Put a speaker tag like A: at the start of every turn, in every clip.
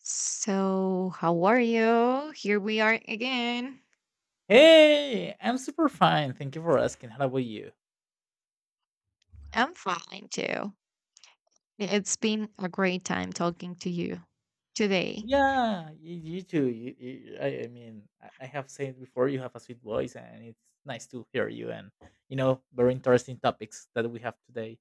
A: So, how are you? Here we are again.
B: Hey, I'm super fine. Thank you for asking. How about you?
A: I'm fine too. It's been a great time talking to you today.
B: Yeah, you too. I mean, I have said before, you have a sweet voice, and it's nice to hear you. And very interesting topics that we have today.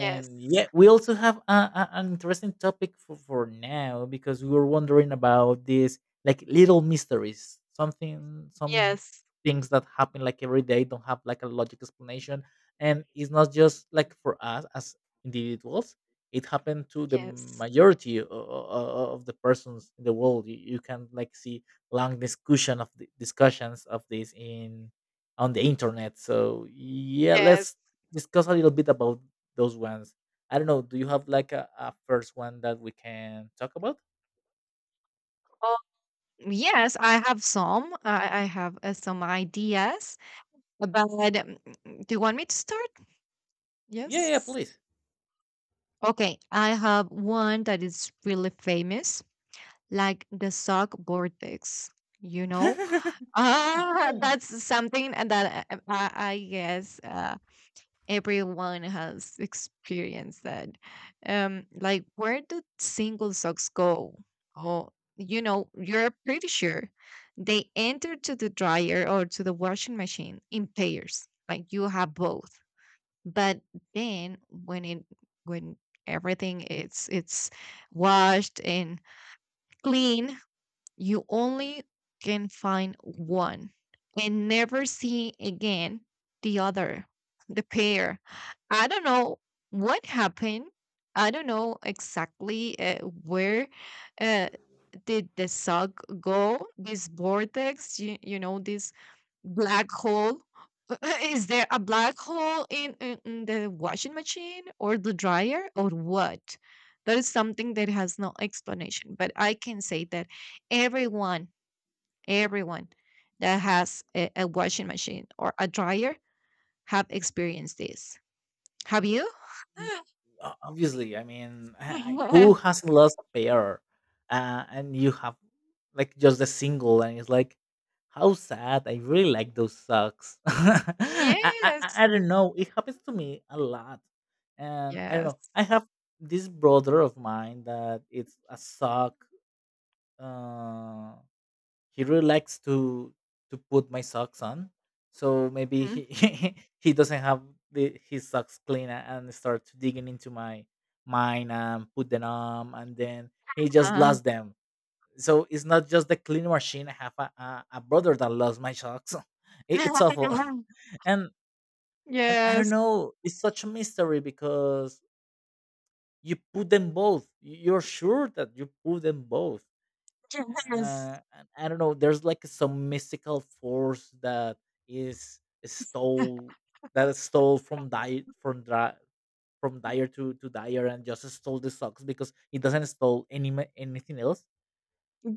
A: Yes,
B: yeah, we also have an interesting topic for now because we were wondering about this, like little mysteries, some
A: yes,
B: things that happen like every day don't have like a logic explanation. And it's not just like for us as individuals, it happened to the
A: yes,
B: majority of the persons in the world. You can like see long discussion of the discussions of this in on the internet. So yeah,
A: yes.
B: let's discuss a little bit about those ones. I don't know. Do you have like a first one that we can talk about?
A: Oh, yes, I have some. I have some ideas, but do you want me to start?
B: Yeah, yeah,
A: Yes.
B: please.
A: Okay, I have one that is really famous, like the sock vortex. You know,
B: Yeah.
A: That's something that I guess everyone has experienced that. Like, where do single socks go? Oh, you know, you're pretty sure they enter to the dryer or to the washing machine in pairs. Like you have both, but then when it when everything it's washed and clean, you only can find one and never see again the other, the pair. I don't know what happened. I don't know exactly where uh, did the sock go, this vortex, you know, this black hole? Is there a black hole in the washing machine or the dryer or what? That is something that has no explanation. But I can say that everyone, everyone that has a washing machine or a dryer have experienced this. Have you?
B: Obviously, I mean, who hasn't lost a pair? And you have like just a single, and it's like, how sad. I really like those socks. I, I I
A: Yes.
B: I don't know. It happens to me a lot, and I don't know.
A: Yes.
B: I have this brother of mine that it's a sock. Uh, he really likes to put my socks on, so maybe
A: Mm.
B: he he doesn't have his socks clean and starts digging into my mine and put them on, and then he just
A: Uh-huh.
B: lost them, so it's not just the cleaning machine. I have a brother that lost my socks. It's awful. and and I don't
A: Yes.
B: know, it's such a mystery because you put them both, you're sure that you put them both.
A: Yes.
B: And I don't know. There's like some mystical force that is stole that is stole, from dire to dire, and just stole the socks because it doesn't stole any anything else.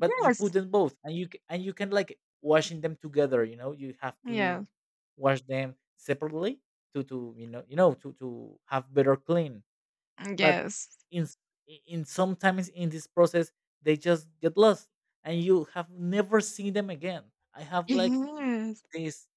B: But you put them both, and and you can like washing them together. You know, you have to
A: Yeah.
B: wash them separately to to have better clean. But
A: Yes.
B: in s- in sometimes in this process, they just get lost, and you have never seen them again. i have like
A: Yes.
B: this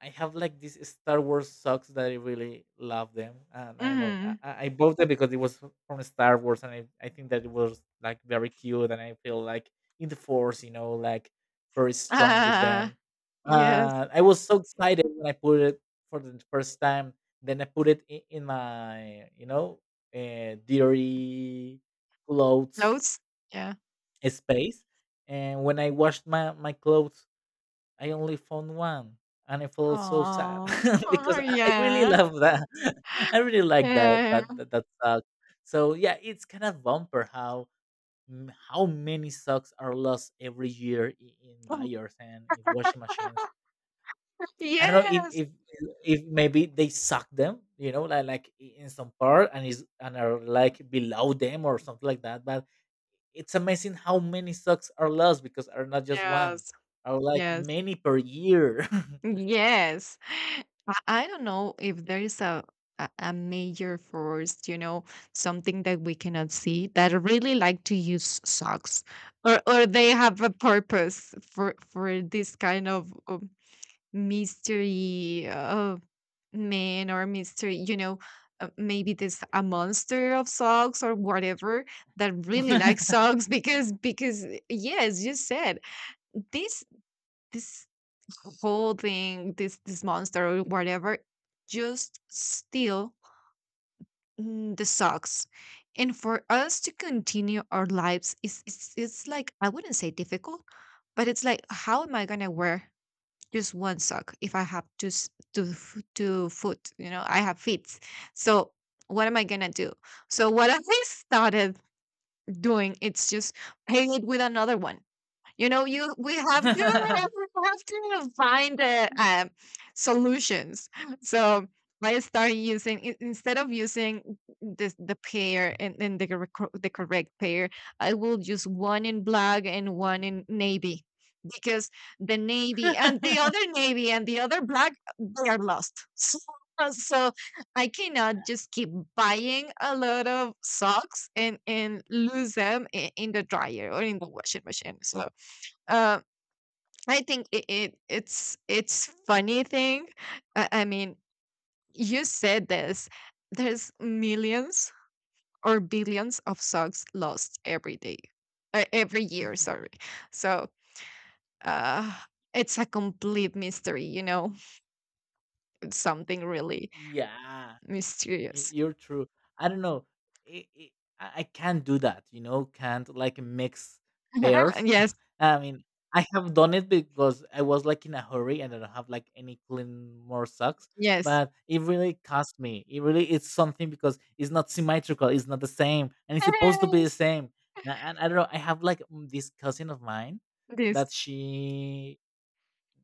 B: I have like these Star Wars socks that I really love them, and I don't know. I,
A: Mm.
B: I I bought them because it was from Star Wars, and I think that it was like very cute, and I feel like in the Force, like very strong with
A: Ah,
B: them.
A: yes.
B: I was so excited when I put it for the first time. Then I put it in my, dirty clothes
A: Notes? Yeah.
B: space, and when I washed my clothes, I only found one, and I felt so sad
A: Oh. Oh,
B: because I really
A: yeah.
B: love that. I really like that
A: Yeah.
B: that that, that sock. So yeah, it's kind of bumper how how many socks are lost every year in
A: Oh.
B: dyers and in washing machines. I don't know if
A: Yes.
B: if maybe they suck them, like in some part and is and are like below them or something like that. But it's amazing how many socks are lost because are not just one,
A: Yes.
B: are like
A: Yes.
B: many per year.
A: Yes. I don't know if there is a major force, you know, something that we cannot see that really like to use socks or they have a purpose for this kind of mystery man or mystery, you know, maybe this a monster of socks or whatever that really likes socks because yes, you said this this whole thing, this monster or whatever, just steal the socks. And for us to continue our lives is it's like I wouldn't say difficult, but it's like how am I gonna wear just one sock if I have to to foot, you know, I have feet. So what am I gonna do? So what I started doing, it's just paying it with another one. You know, you we have to we have to find the solutions. So I start using instead of using this the pair and, the the correct pair, I will use one in black and one in navy because the navy and the other, navy and the other black, they are lost. So, so I cannot just keep buying a lot of socks and lose them in the dryer or in the washing machine. So uh, I think it's it's funny thing. I mean, you said this. There's millions or billions of socks lost every day, every year. Sorry. So uh, it's a complete mystery. You know, it's something really
B: Yeah, y-
A: mysterious.
B: you're true. I don't know. I, I I can't do that, you know, can't like mix pairs.
A: Yes.
B: I mean, I have done it because I was like in a hurry and I don't have like any clean more socks,
A: Yes.
B: but it really cost me. It's something because it's not symmetrical, it's not the same, and it's supposed to be the
A: Yes.
B: same. And I don't know, I have like this cousin of mine
A: This.
B: that she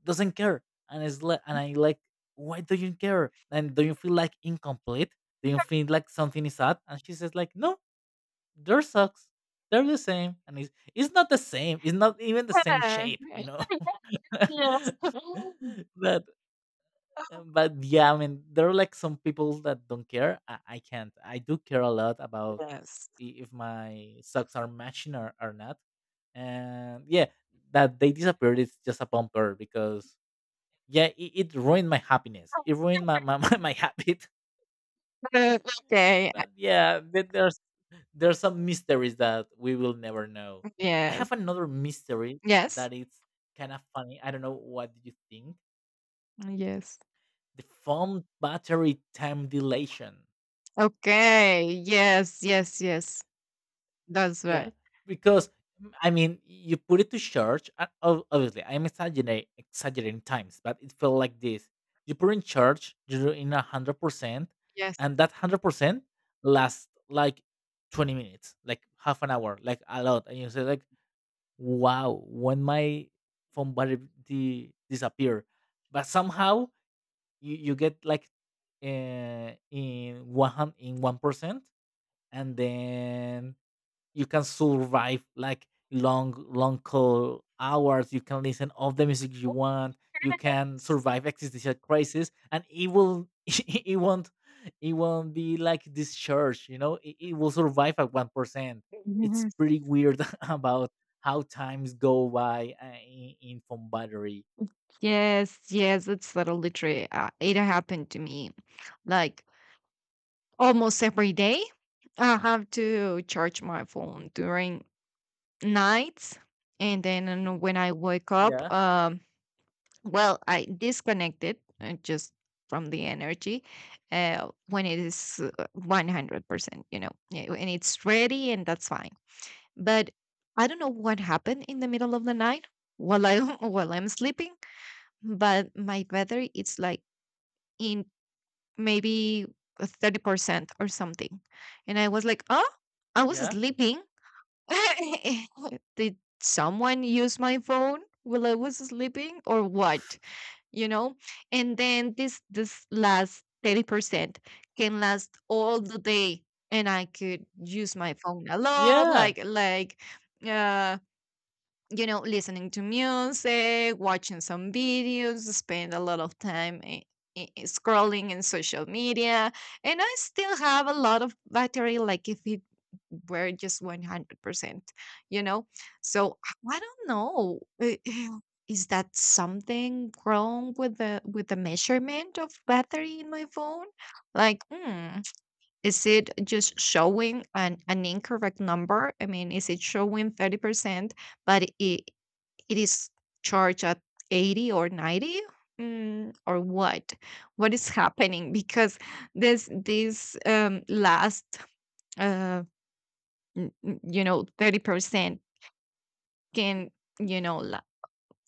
B: doesn't care. And it's like, and I like, why do you care, and do you feel like incomplete, do you feel like something is odd? And she says, like, no, they're socks, they're the same, and it's not the same, it's not even the same shape, you know?
A: Yes.
B: but but yeah, I mean, there are like some people that don't care. I, I can't i do care a lot about
A: Yes.
B: if my socks are matching or not, and yeah, that they disappeared is just a bumper because yeah, it ruined my happiness, it ruined my my habit.
A: Uh, okay.
B: But yeah, there's some mysteries that we will never know. I have
A: Yes.
B: another mystery
A: Yes.
B: that it's kind of funny. I don't know, what do you think?
A: Yes.
B: The phone battery time dilation.
A: Okay. Yes, yes, yes. That's
B: Yeah,
A: right.
B: because I mean, you put it to church, and obviously, I'm exaggerating times, but it felt like this: you put in church, you're in 100%,
A: Yes.
B: and that 100% lasts like 20 minutes, like half an hour, like a lot. And you say like, "Wow, when my phone battery disappear," but somehow you get like in 1%, and then you can survive like long, long call hours, you can listen all the music you want, you can survive existential crisis, and it will it won't be like this church, you know, it will survive at 1%. It's
A: Yes,
B: pretty weird about how times go by in phone battery.
A: yes, yes. It's literally, it happened to me. Like almost every day, I have to charge my phone during nights, and then when I wake up,
B: Yeah,
A: well, I disconnected, just from the energy when it is, 100%, you know, yeah, when it's ready, and that's fine. But I don't know what happened in the middle of the night while I while I'm sleeping, but my battery it's like in maybe 30% or something. And I was like, "Oh, I was
B: yeah,
A: sleeping. Did someone use my phone while I was sleeping or what?" You know? And then this last 30% can last all the day, and I could use my phone a lot,
B: yeah,
A: like uh you know, listening to music, watching some videos, spend a lot of time scrolling in social media, and I still have a lot of battery, like if it were just 100%, you know? So I don't know. Is that something wrong with the measurement of battery in my phone? Like, is it just showing an incorrect number? I mean, is it showing 30%? But it is charged at 80 or 90, or what is happening, because this last uh n- n- you know, 30% can, you know,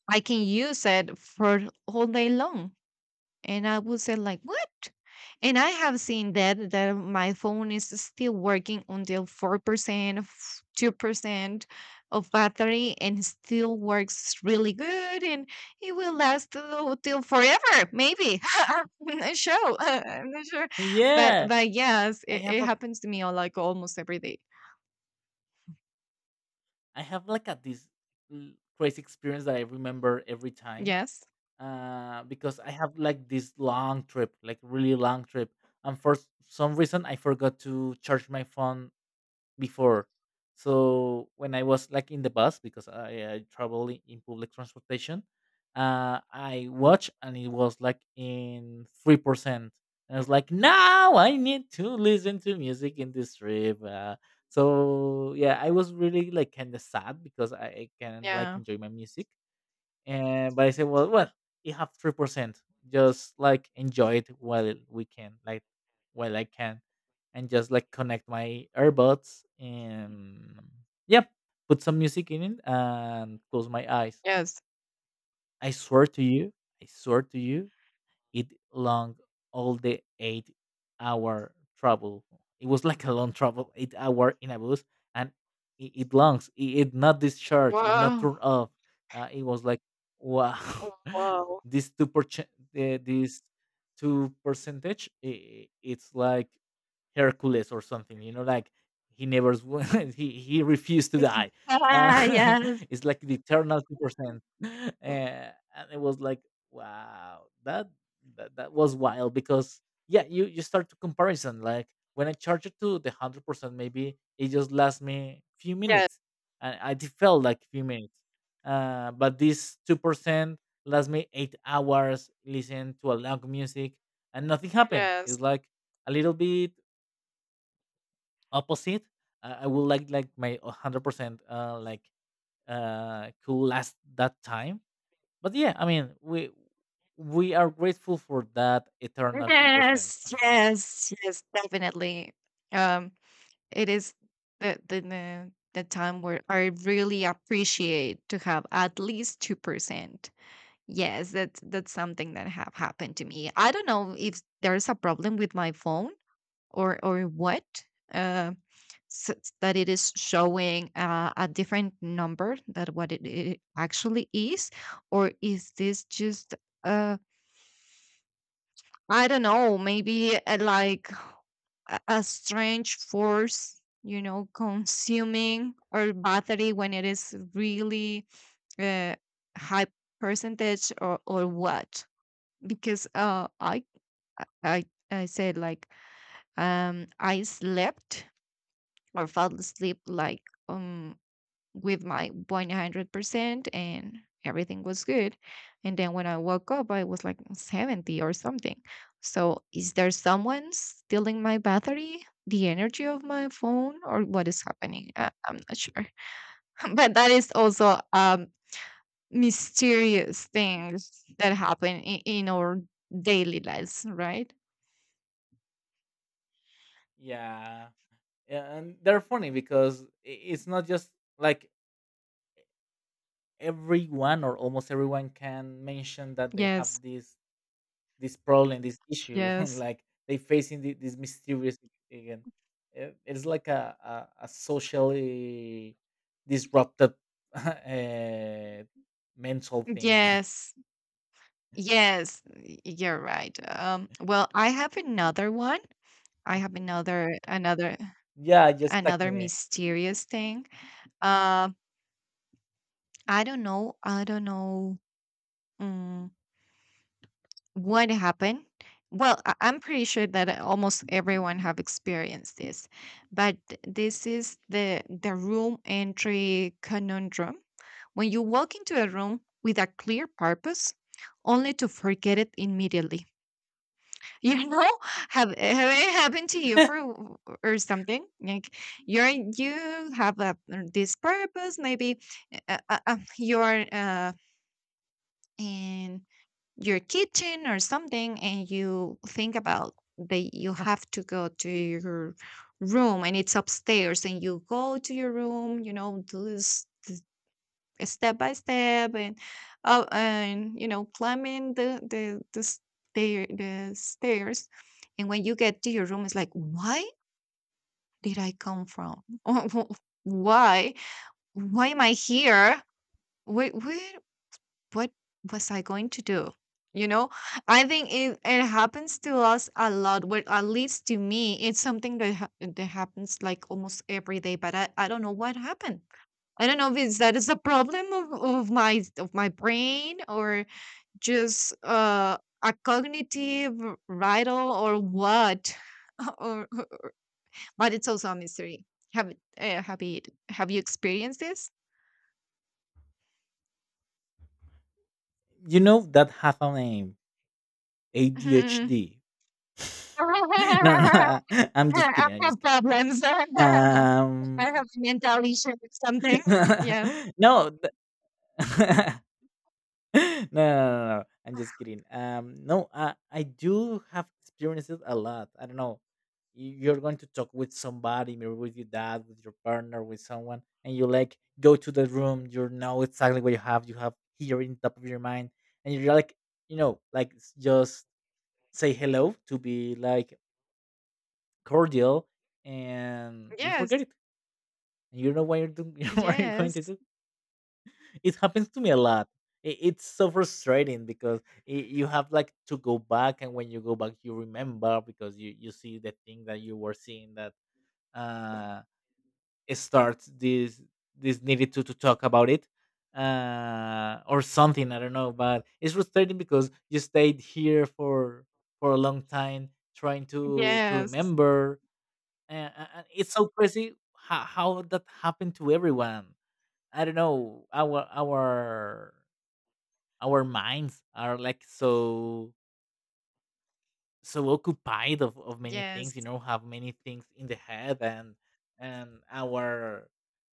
A: I can use it for all day long, and I would say like, "What?" And I have seen that my phone is still working until 4%, 2% of battery, and still works really good, and it will last till forever, maybe. I'm not sure. I'm not sure.
B: yeah.
A: But yes,
B: i
A: it,
B: have
A: it
B: a
A: happens to me all, like almost every day.
B: I have like a this crazy experience that I remember every time.
A: Yes.
B: Because I have like this long trip, like really long trip, and for some reason I forgot to charge my phone before. So when I was like in the bus, because I travel in public transportation, I watch and it was like in 3%. And I was like, now I need to listen to music in this trip. So yeah, I was really like kind of sad because I can like
A: Yeah.
B: enjoy my music, and but I said, well, you have 3%. Just like enjoy it while we can, like while I can, and just like connect my earbuds and yeah, put some music in it and close my eyes.
A: Yes.
B: I swear to you, I swear to you, it long all the 8 hour travel. It was like a long travel, 8 hour in a bus, and it longs. It not discharged. It's not
A: Wow.
B: turned off. It was like wow,
A: Wow.
B: this 2%, this two percentage. I it's like Hercules or something. You know, like he never he refused to die. Uh,
A: Ah, yes.
B: it's like the eternal 2%, and it was like wow, that that was wild because yeah, you start to comparison. Like when I charge it to the 100%, maybe it just lasts me few
A: Yes.
B: minutes, and I it felt like few minutes. But this 2% lasts me 8 hours. Listen to a loud music, and nothing happened.
A: Yes.
B: It's like a little bit opposite. I would like my 100% could last that time, but yeah, I mean, we are grateful for that eternal 2%.
A: Yes, yes, yes, definitely. Um, it is the time where I really appreciate to have at least 2%. Yes, that's something that have happened to me. I don't know if there's a problem with my phone, or what. Uh, that it is showing, a different number than what it actually is, or is this just uh I don't know, maybe like a strange force, you know, consuming our battery when it is really, uh, high percentage, or what, because i I said like, I slept or fell asleep like, um with my 100%, and everything was good. And then when I woke up, I was like 70 or something. So is there someone stealing my battery, the energy of my phone, or what is happening? I, I'm not sure. But that is also mysterious things that happen in our daily lives, right?
B: Yeah, yeah, and they're funny because it's not just like everyone or almost everyone can mention that they have
A: Yes.
B: this problem, this issue.
A: Yes.
B: Like they facing this mysterious again. It's like a, a socially disrupted uh, mental thing.
A: Yes. Yes, you're right. Well, I have another one, I have another another
B: Yeah, just talk to
A: another
B: me.
A: mysterious thing. Uh, I don't know. I don't know mm, what happened. Well, I'm pretty sure that almost everyone have experienced this, but this is the room entry conundrum. When you walk into a room with a clear purpose, only to forget it immediately. You know, have it happened to you for or something? Like you have a, this purpose, maybe you're, in your kitchen or something, and you think about that you have to go to your room, and it's upstairs, and you go to your room, you know, to this step by step, and you know, climbing the stairs, and when you get to your room it's like, why did I come from? Why, am I here? Where, what was I going to do? You know, I think it happens to us a lot, well at least to me, it's something that that happens like almost every day, but I don't know what happened. I don't know if it's that is a problem of, of my brain, or just a cognitive riddle or what, or, but it's also a mystery. Have have you, have you experienced this?
B: You know that has a name:
A: Hmm.
B: ADHD. No, no, I'm just
A: I
B: kidding, I'm just
A: have
B: kidding.
A: problems. I
B: Um,
A: have mental issues. Something. Yes.
B: no, the no, no, no, no, I'm just kidding. No, I do have experienced it a lot. I don't know. You're going to talk with somebody, maybe with your dad, with your partner, with someone, and you like go to the room. You know exactly what you have. You have here in top of your mind, and you're like, you know, like s- just say hello to be like cordial, and you forget
A: Yes.
B: it and you don't know what you're doing, what you're going to
A: Yes.
B: do. It happens to me a lot. It's so frustrating because you have like to go back, and when you go back you remember because you see the thing that you were seeing that uh it starts this, this needed to talk about it, or something, I don't know, but it's frustrating because you stayed here for a long time trying to
A: Yes.
B: remember. And it's so crazy how that happened to everyone. I don't know, our our minds are like so, so occupied of many things, you
A: Yes.
B: know, have many things in the head, and and our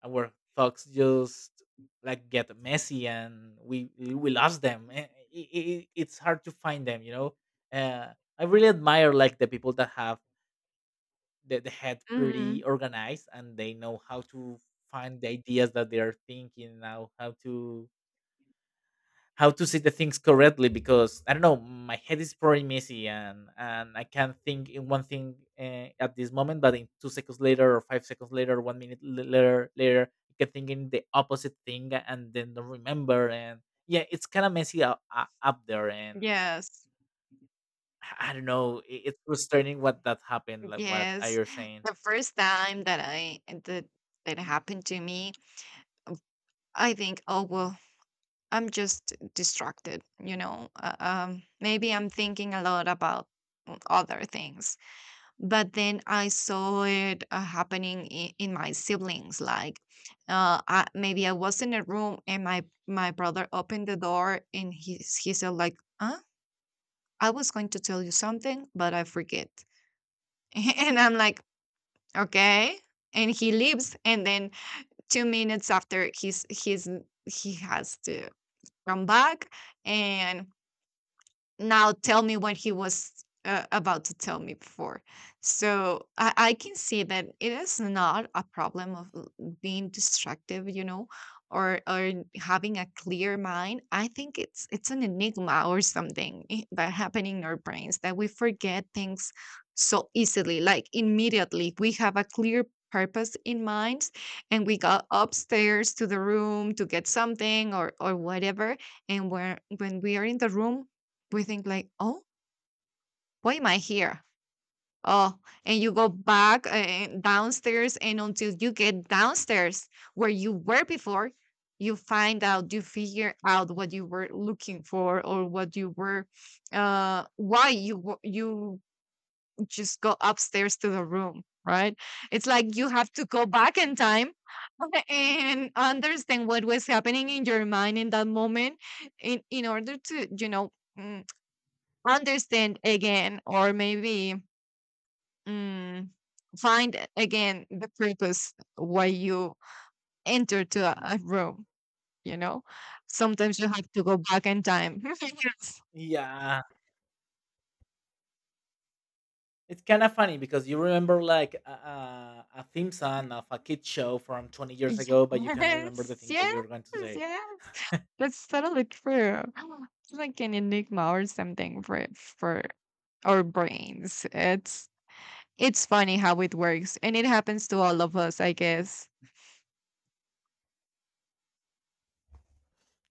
B: our thoughts just like get messy and we lost them. It's hard to find them, you know. uh, I really admire like the people that have the head pretty
A: Mhm.
B: organized and they know how to find the ideas that they are thinking now, how to, how to say the things correctly, because I don't know, my head is pretty messy, and I can't think in one thing at this moment, but in 2 seconds later or 5 seconds later, 1 minute later I can think in the opposite thing and then don't remember. And yeah, it's kind of messy up there. And
A: Yes.
B: I don't know, it's frustrating what that happened, like what are
A: Yes.
B: you saying.
A: The first time that I that that happened to me, I think, oh well, I'm just distracted, you know. Maybe I'm thinking a lot about other things. But then I saw it, happening in my siblings. Like, maybe I was in a room, and my brother opened the door and he said like, huh? I was going to tell you something, but I forget. And I'm like, okay. And he leaves, and then 2 minutes after he has to come back and now tell me what he was, about to tell me before. So I can see that it is not a problem of being distractive, you know, or having a clear mind. I think it's an enigma or something that happen in our brains, that we forget things so easily. Like immediately, we have a clear purpose in mind, and we go upstairs to the room to get something or whatever, and where when we are in the room, we think like, oh, why am I here? Oh, and you go back, downstairs, and until you get downstairs where you were before, you find out, you figure out what you were looking for, or what you were, why you just go upstairs to the room, right? It's like you have to go back in time, and understand what was happening in your mind in that moment, in order to, you know, mm, Understand again, or maybe mm, find again the purpose why you enter to a room. You know sometimes you have to go back in time. Yes,
B: Yeah. It's kind of funny because you remember like a theme song of a kid show from 20 years ago, but you can remember the
A: yes,
B: thing that
A: yes,
B: you're going to say.
A: yes, that's totally true. It's like an enigma or something for our brains. It's funny how it works, and it happens to all of us, I guess.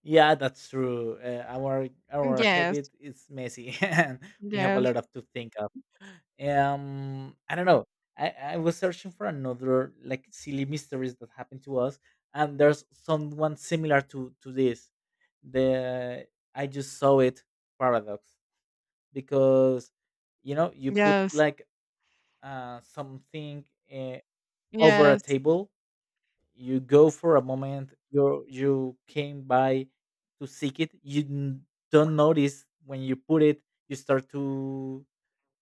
B: Yeah, that's true. Our
A: Yes,
B: headed is messy, and we have a
A: yes,
B: lot of to think of. I don't know. I, I was searching for another like silly mysteries that happened to us, and there's someone similar to this. The, I just saw it paradox, because you know you put
A: yes,
B: like something, uh, over a
A: yes,
B: table. You go for a moment. You came by to seek it. Don't notice when you put it. You start to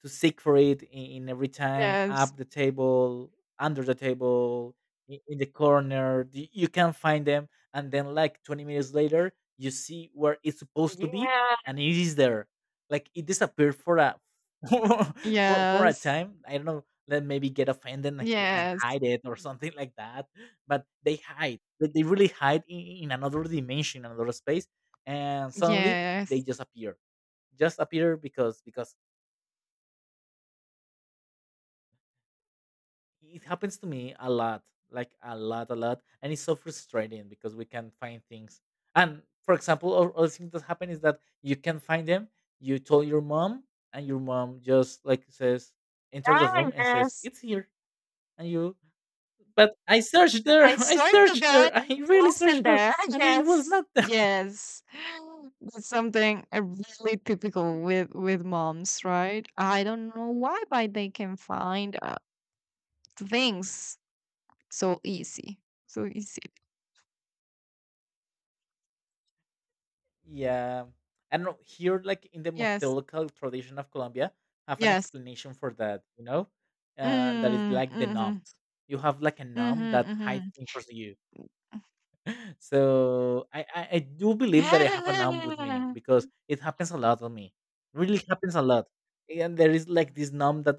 B: to seek for it in every time
A: yes.
B: up the table, under the table, in the corner, you can find them. And then like 20 minutes later you see where it's supposed to be,
A: Yeah.
B: and it is there, like it disappeared for a, for a
A: Yes.
B: time, I don't know, then maybe get offended and
A: Yes.
B: hide it or something like that. But they hide, they really hide in another dimension, another space, and suddenly they
A: Yes.
B: just appear. Just appear. Because it happens to me a lot, like a lot a lot, and it's so frustrating because we can find things. And for example, other thing that happen is that you can find them, you told your mom, and your mom just like says, enter the
A: Ah,
B: room and says,
A: yes.
B: it's here. And you, but I searched there,
A: I
B: I
A: swear to
B: searched
A: God,
B: there, I
A: I
B: really
A: wasn't
B: searched there,
A: there.
B: and it was
A: Yes.
B: not.
A: Yes. That's something really typical with moms, right? I don't know why, but they can find things so easy. So easy.
B: Yeah. I don't know. Here, like in the
A: Yes.
B: mythological tradition of Colombia, have an
A: Yes.
B: explanation for that, you know? That is
A: Mm,
B: like the
A: mhm.
B: numbs. You have like a numb that hides
A: Mhm.
B: things from you. So I do believe that I have a numb with me
A: Mhm.
B: because it happens a lot on me. Really happens a lot. And there is like this numb that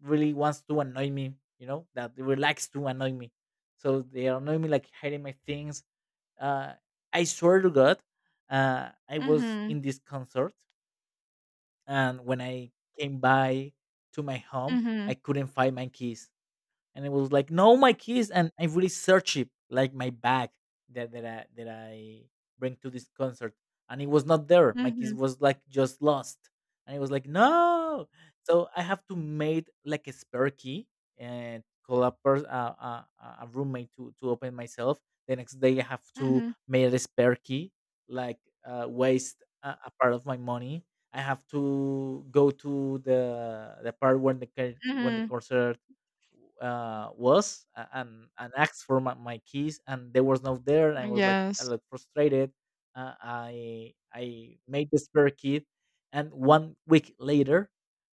B: really wants to annoy me, you know, that really likes to annoy me. So they annoy me like hiding my things. uh, I swear to God, I was
A: Mhm.
B: in this concert, and when I came by to my home, I
A: Mhm.
B: couldn't find my keys. And it was like, no, my keys. And I really searched it, like my bag that, that I bring to this concert, and it was not there. My keys
A: Mhm.
B: was like just lost. And it was like no. So I have to made like a spare key and call a, a roommate to open myself. The next day I have
A: Mhm.
B: to
A: Mhm.
B: make a spare key, like, waste a part of my money. I have to go to the the part when the when the
A: Mhm.
B: concert was and asked for my, my keys, and they was not there, and I was like a
A: Yes.
B: little frustrated. I made the spare key, and 1 week later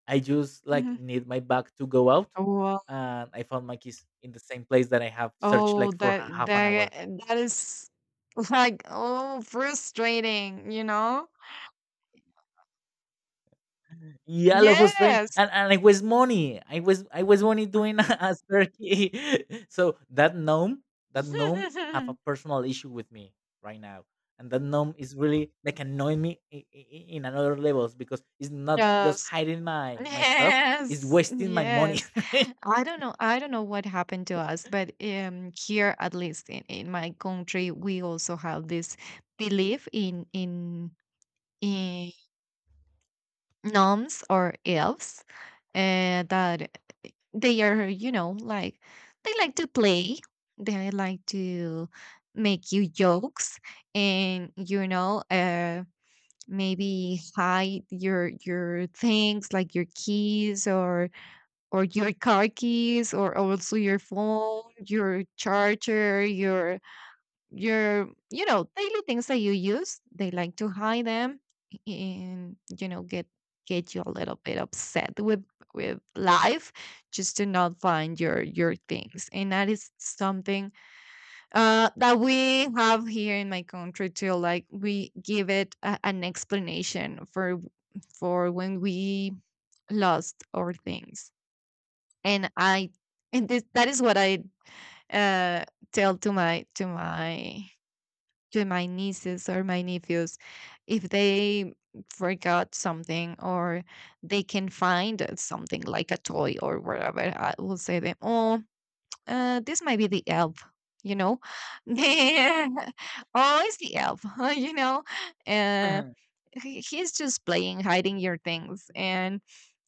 B: I just like
A: Mhm.
B: need my bag to go out,
A: Wow.
B: and I found my keys in the same place that I have searched
A: Oh,
B: like for a half an hour.
A: that is like, oh, frustrating, you know?
B: Yeah, a was of. and,
A: Yes.
B: and I was money. I was money doing a turkey. So that gnome have a personal issue with me right now. And that gnome is really like annoying me in another levels, because it's not just
A: Yes.
B: hiding my, my stuff; it's
A: Yes.
B: wasting my money.
A: Yes. I don't know. I don't know what happened to us, but here, at least in my country, we also have this belief in gnomes or elves. That they are, like, they like to play, they like to make you jokes, and maybe hide your things, like your keys, or your car keys, or also your phone, your charger, your daily things that you use, they like to hide them. And get you a little bit upset with life, just to not find your things. And that is something that we have here in my country too, like, we give it a, an explanation for when we lost our things. and i and this, that is what I uh tell to my nieces or my nephews. If they forgot something, or they can find something like a toy or whatever, I will say them, "Oh, this might be the elf, you know?" "Oh, it's the elf." You know, uh, he's just playing, hiding your things. And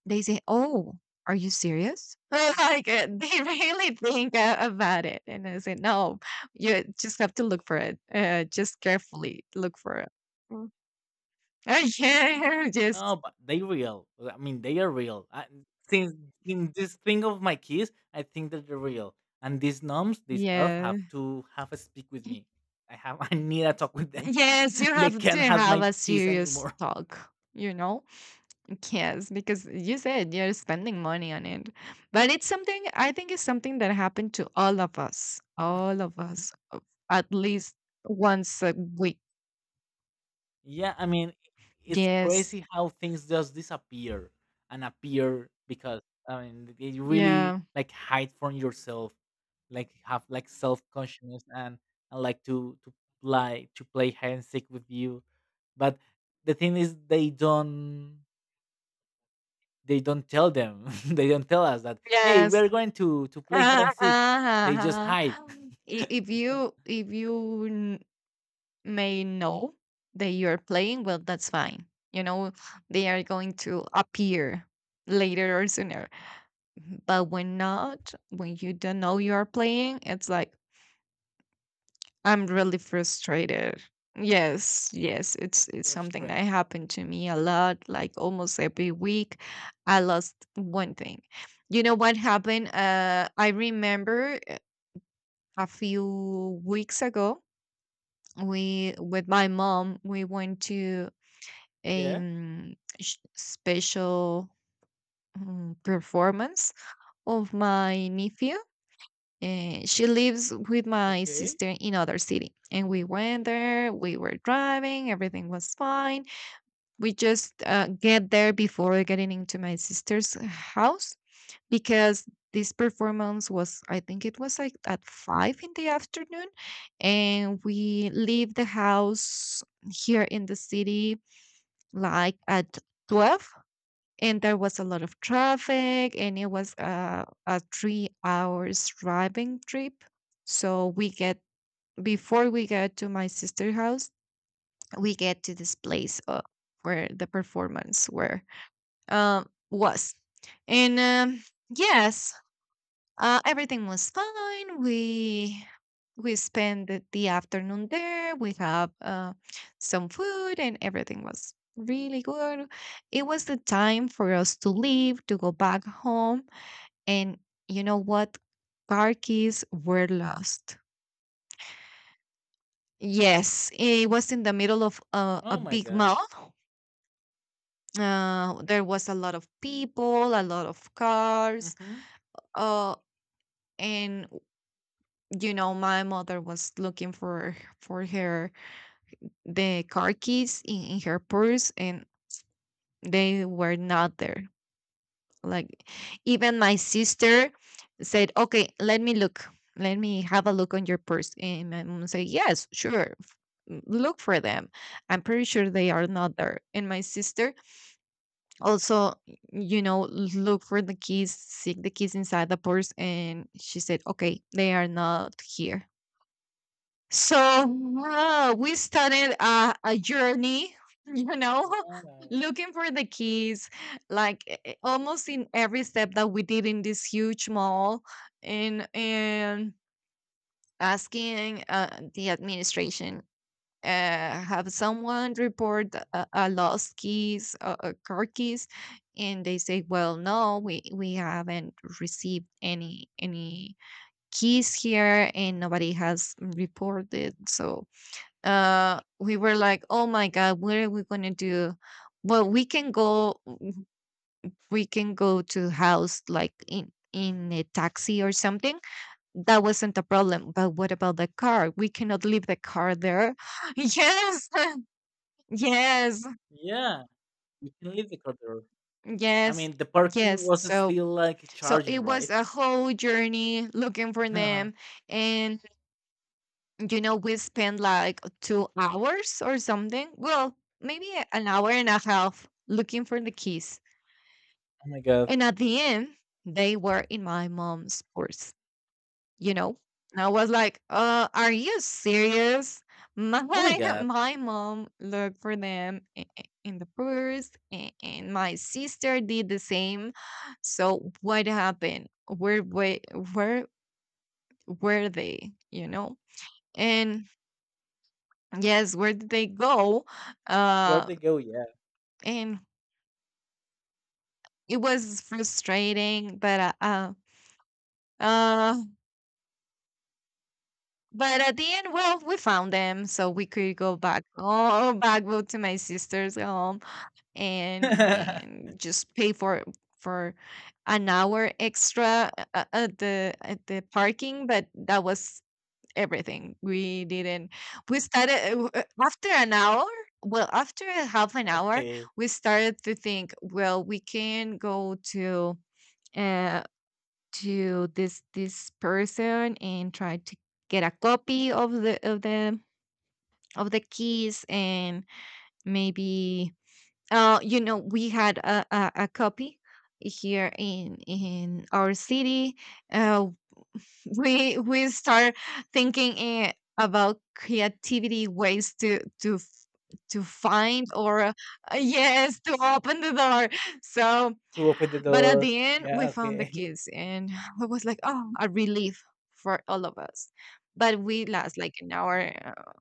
A: they say, "Oh, are you serious?" Like, they really think about it, and I say, "No, you just have to look for it. Just carefully look for it." Mm. Yeah, just
B: No, but they real. I mean, they are real. I, since in this thing of my kids, I think that they're real. And these gnomes, this elf, have
A: yeah.
B: to have a speak with me. I have. I need to talk with them.
A: Yes, you
B: They
A: have to
B: can't have
A: have
B: my
A: a
B: keys
A: serious
B: anymore.
A: talk, you know? Yes, because you said you're spending money on it. But it's something, I think, it's something that happened to all of us, at least once a week.
B: Yeah, I mean, it's
A: Yes,
B: crazy how things just disappear and appear, because I mean you really
A: yeah.
B: like hide from yourself, like have like self consciousness, and like to play, hide and seek with you. But the thing is they don't, they don't tell them. They don't tell us that, hey,
A: Yes.
B: we're going to play hide
A: Ah,
B: and
A: ah,
B: seek.
A: ah,
B: They just hide.
A: ah. If you if you may know that you're playing, well, that's fine. You know, they are going to appear later or sooner. But when not, when you don't know you are playing, it's like, I'm really frustrated. Yes, yes, it's something that
B: Frustrated.
A: happened to me a lot, like almost every week. I lost one thing. You know what happened? I remember a few weeks ago, we, with my mom, we went to a
B: Yeah.
A: special performance of my nephew. She lives with my
B: Okay.
A: sister in other city, and we went there. We were driving, everything was fine. We just get there before getting into my sister's house, because this performance was, I think it was like at 5 in the afternoon, and we leave the house here in the city like at 12, and there was a lot of traffic, and it was a 3 hours driving trip. So we get, before we get to my sister's house, we get to this place, where the performance, where um was. And yes, everything was fine. We spent the afternoon there. We have some food, and everything was really good. It was the time for us to leave, to go back home, and, you know what? Car keys were lost. Yes, it was in the middle of a
B: Oh my
A: big
B: god.
A: mall. There was a lot of people, a lot of cars.
B: Mm-hmm.
A: Uh, and you know My mother was looking for her, the car keys in her purse, and they were not there. Like, even my sister said, "Okay, let me look, let me have a look on your purse." And my mom said, "Yes, sure, look for them. I'm pretty sure they are not there." And my sister also, you know look for the keys, seek the keys inside the purse, and she said, "Okay, they are not here." So, we started a journey, you know,
B: Wow.
A: looking for the keys, like, almost in every step that we did in this huge mall, and asking, the administration, uh, have someone report a lost keys, a car keys, and they say, well, no, we haven't received any keys here, and nobody has reported. So we were like, oh my god, what are we going to do? Well, we can go to house, like in a taxi or something, that wasn't a problem. But what about the car? We cannot leave the car there. Yes. Yes,
B: Yeah, you can leave the corridor. I
A: yes,
B: mean, the parking
A: yes.
B: was
A: so
B: still like
A: so
B: charging,
A: it was
B: right?
A: a whole journey looking for them. And we spent like 2 hours or something, well, maybe an hour and a half looking for the keys.
B: Oh my god.
A: And at the end, they were in my mom's purse, you know? And I was like, are you serious? My
B: Oh my god.
A: my mom looked for them, in the purse, and my sister did the same. So what happened? Where were they? You know? And, yes, where did they go?
B: Where'd
A: Uh,
B: they go? Yeah.
A: and it was frustrating, but, uh But at the end, well, we found them, so we could go back, oh, back, go to my sister's home, and and just pay for an hour extra, at the parking. But that was everything. We didn't. We started after an hour. Well, after a half an hour,
B: Okay.
A: we started to think. Well, we can go to, Uh, to this person and try to get a copy of the of the keys. And maybe we had a copy here in our city. uh we start thinking about creativity ways to to find or yes, to open the door. So,
B: To open the
A: but at
B: door.
A: the end,
B: Yeah,
A: we found the
B: okay.
A: keys, and it was like, oh, a relief for all of us. But we last like an hour,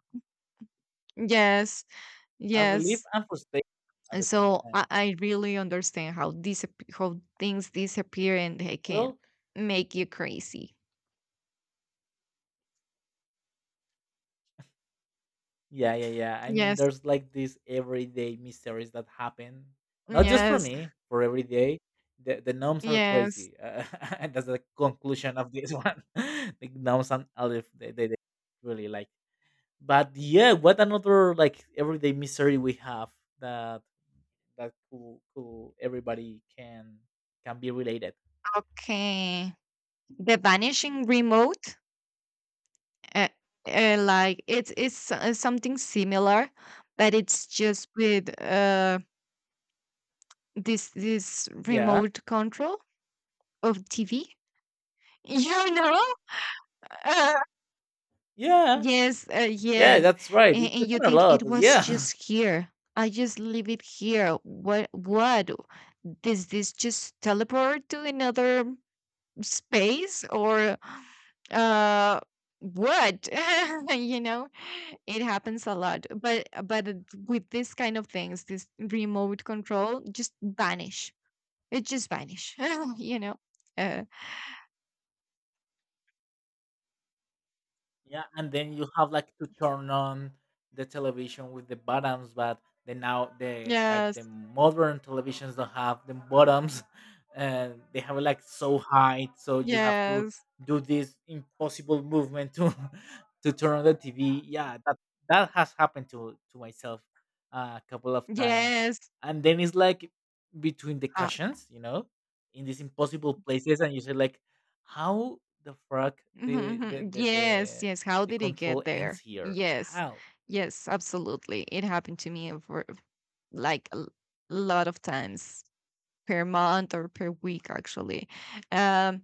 A: yes,
B: I'm relieved
A: yes.
B: and frustrated at
A: And
B: the same
A: so
B: time.
A: I really understand how things disappear, and they can
B: Well,
A: make you crazy.
B: yeah, yeah, yeah. I mean,
A: Yes,
B: there's like these everyday mysteries that happen, not just for
A: yes,
B: me, for every day. The gnomes are
A: yes.
B: crazy. And that's the conclusion of this one. The gnomes and Aleph, they really like. But yeah, what another like everyday misery we have, that, that cool, cool everybody can be related.
A: Okay. The vanishing remote, uh, like, it's something similar, but it's just with this
B: Yeah,
A: remote control of TV. You know? Uh,
B: yeah,
A: yes,
B: yeah.
A: yes.
B: That's right.
A: And,
B: It
A: and you
B: happened a
A: think
B: lot.
A: it was
B: Yeah.
A: just here. I just leave it here. What does this just teleport to another space? Or uh what? You know, it happens a lot. But with this kind of things, this remote control just vanish. It just vanish. You know, uh,
B: Yeah, and then you have like to turn on the television with the buttons, but the now the like the
A: yes,
B: modern televisions don't have the bottoms, and they have like so high, so you have to
A: yes,
B: do this impossible movement to to turn on the TV. Yeah, that that has happened to myself a couple of times,
A: yes,
B: and then it's like between the
A: uh,
B: cushions, you know, in these impossible places, and you say like, how the fuck the the
A: yes, yes, how
B: the
A: did it
B: control
A: get
B: ends
A: there?
B: here.
A: Yes,
B: How?
A: yes, absolutely. It happened to me for like lot of times per month or per week, actually. um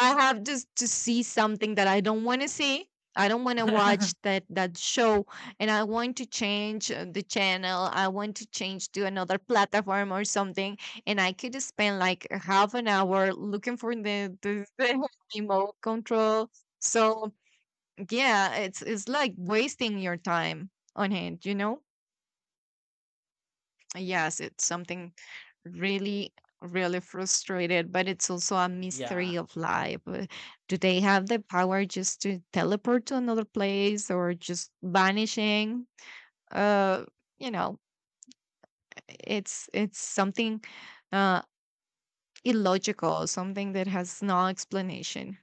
A: I have just to see something that I don't want to see. I don't want to watch that show, and I want to change the channel. I want to change to another platform or something, and I could spend like a half an hour looking for the remote control. So yeah, it's like wasting your time on it. Yes, it's something really, really frustrated, but it's also a
B: Yeah.
A: mystery of life. Do they have the power just to teleport to another place or just vanishing? Uh, you know, it's something uh illogical, something that has no explanation.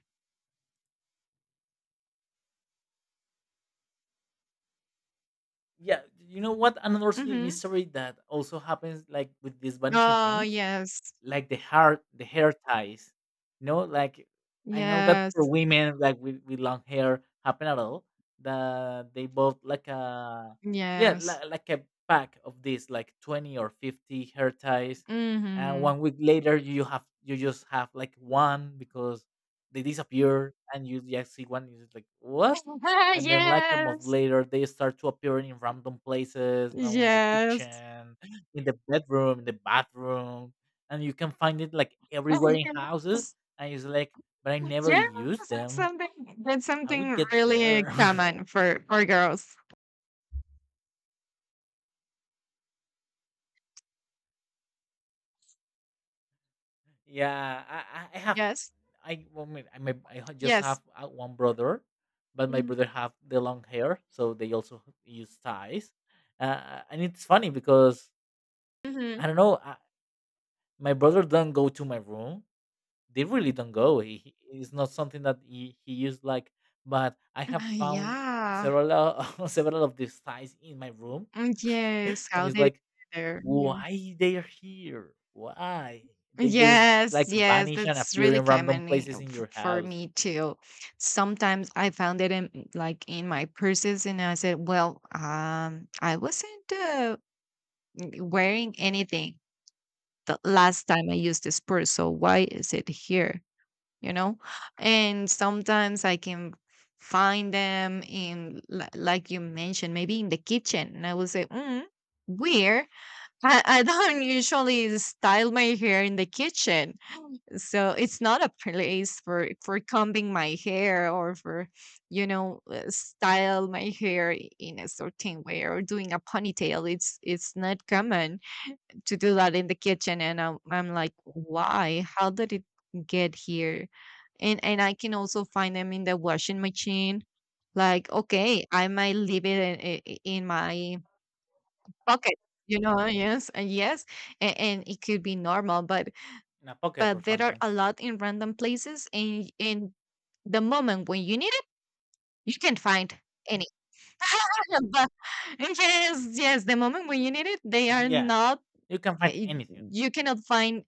B: Yeah. You know what? Another silly
A: Mm-hmm.
B: mystery that also happens like with these vanishing
A: Oh,
B: things,
A: yes,
B: like the hair, the hair ties. No, like I know that for
A: yes,
B: women like with long hair happen at all. That they bought like a, yeah,
A: yes.
B: like a pack of these, like 20 or 50 hair ties. And
A: Mm-hmm.
B: 1 week later you have, you just have like one, because they disappear and you just see one, is like, what? And then like a month
A: Yes,
B: later they start to appear in random places, now in the
A: yes.
B: kitchen, in the bedroom, in the bathroom, and you can find it like everywhere in houses.
A: Yes.
B: And it's like, but I never
A: Yeah,
B: use
A: that's
B: them.
A: something that's
B: How we
A: something
B: get
A: really
B: there?
A: common for girls.
B: Yeah, I have,
A: Yes.
B: I well, I mean, I, may, just
A: Yes.
B: have one brother, but my
A: Hmm.
B: brother have the long hair, so they also use ties. And it's funny because
A: Hmm.
B: I don't know, I, my brother don't go to my room, they really don't go. It's not something that he used like. But I have found
A: Yeah.
B: several of these ties in my room,
A: Mm, yes.
B: and
A: How
B: it's
A: did it
B: like,
A: get there? Yeah.
B: why they are here? Why they just like
A: Yes, yes,
B: vanish and
A: that's
B: appear
A: really
B: in random
A: common,
B: places in your
A: for
B: house,
A: me too. Sometimes I found it in like in my purses, and I said, "Well, I wasn't wearing anything the last time I used this purse, so why is it here?" you know and sometimes I can find them in, like you mentioned, maybe in the kitchen, and I will say, weird. I don't usually style my hair in the kitchen, so it's not a place for combing my hair, or for you know style my hair in a certain way, or doing a ponytail. It's not common to do that in the kitchen. And I'm like, why, how did it get here? And I can also find them in the washing machine, like, okay, I might leave it in my pocket, you know? Yes, and, yes, and it could be normal,
B: in a pocket or
A: but there are
B: something?
A: a lot in random places. And in the moment when you need it, you can find any. But yes, yes, the moment when you need it, they are
B: Yeah,
A: not.
B: you can find
A: eh,
B: anything.
A: you cannot find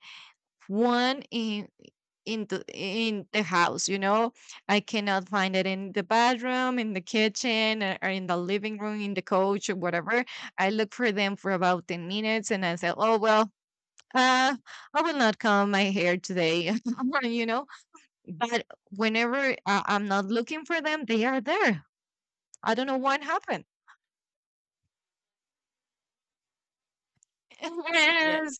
A: one in the house, I cannot find it in the bathroom, in the kitchen, or in the living room, in the couch, or whatever. I look for them for about 10 minutes, and I say, oh well, uh I will not comb my hair today. You know. But whenever I'm not looking for them, they are there. I don't know what happened.
B: Yeah.
A: Yes,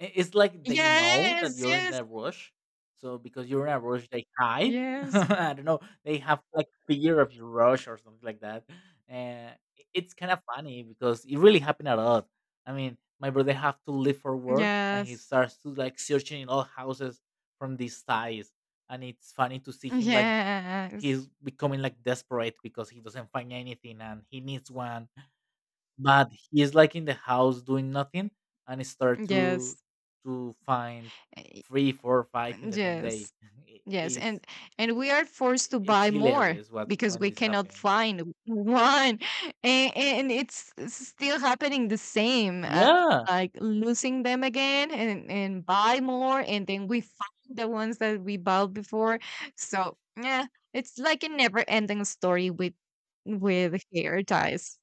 B: It's like they know that
A: yes,
B: you're in a rush. So because you're in a rush, they hide.
A: yes,
B: I don't know. They have like fear of your rush or something like that. And it's kind of funny because it really happened a lot. I mean, my brother have to leave for work and he
A: yes,
B: starts to like searching in all houses from these ties. And it's funny to see him like
A: yes,
B: he's becoming like desperate because he doesn't find anything and he needs one, but he is like in the house doing nothing and start to
A: yes,
B: to find
A: yes.
B: 3 4 5 in the same day.
A: Yes,
B: I-
A: yes,
B: it's
A: and we are forced to
B: it's
A: buy more,
B: hilarious what
A: because
B: when
A: we
B: this
A: cannot
B: happens.
A: find one. And it's still happening the same,
B: Yeah,
A: like losing them again, and buy more, and then we find the ones that we bought before. So yeah, it's like a never-ending story with hair ties.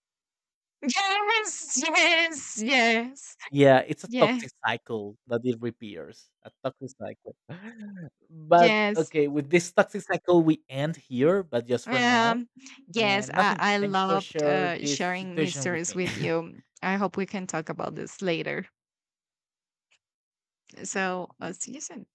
A: Yes, yes, yes,
B: yeah, it's a
A: yeah,
B: toxic cycle that it repeats, a toxic cycle. But
A: yes.
B: okay, with this toxic cycle we end here, but just for now.
A: Um, yes,
B: And
A: I,
B: nothing,
A: I
B: thanks for
A: loved
B: sharing this
A: sharing
B: situation with
A: mysteries
B: me.
A: with you. I hope we can talk about this later. So, see you soon.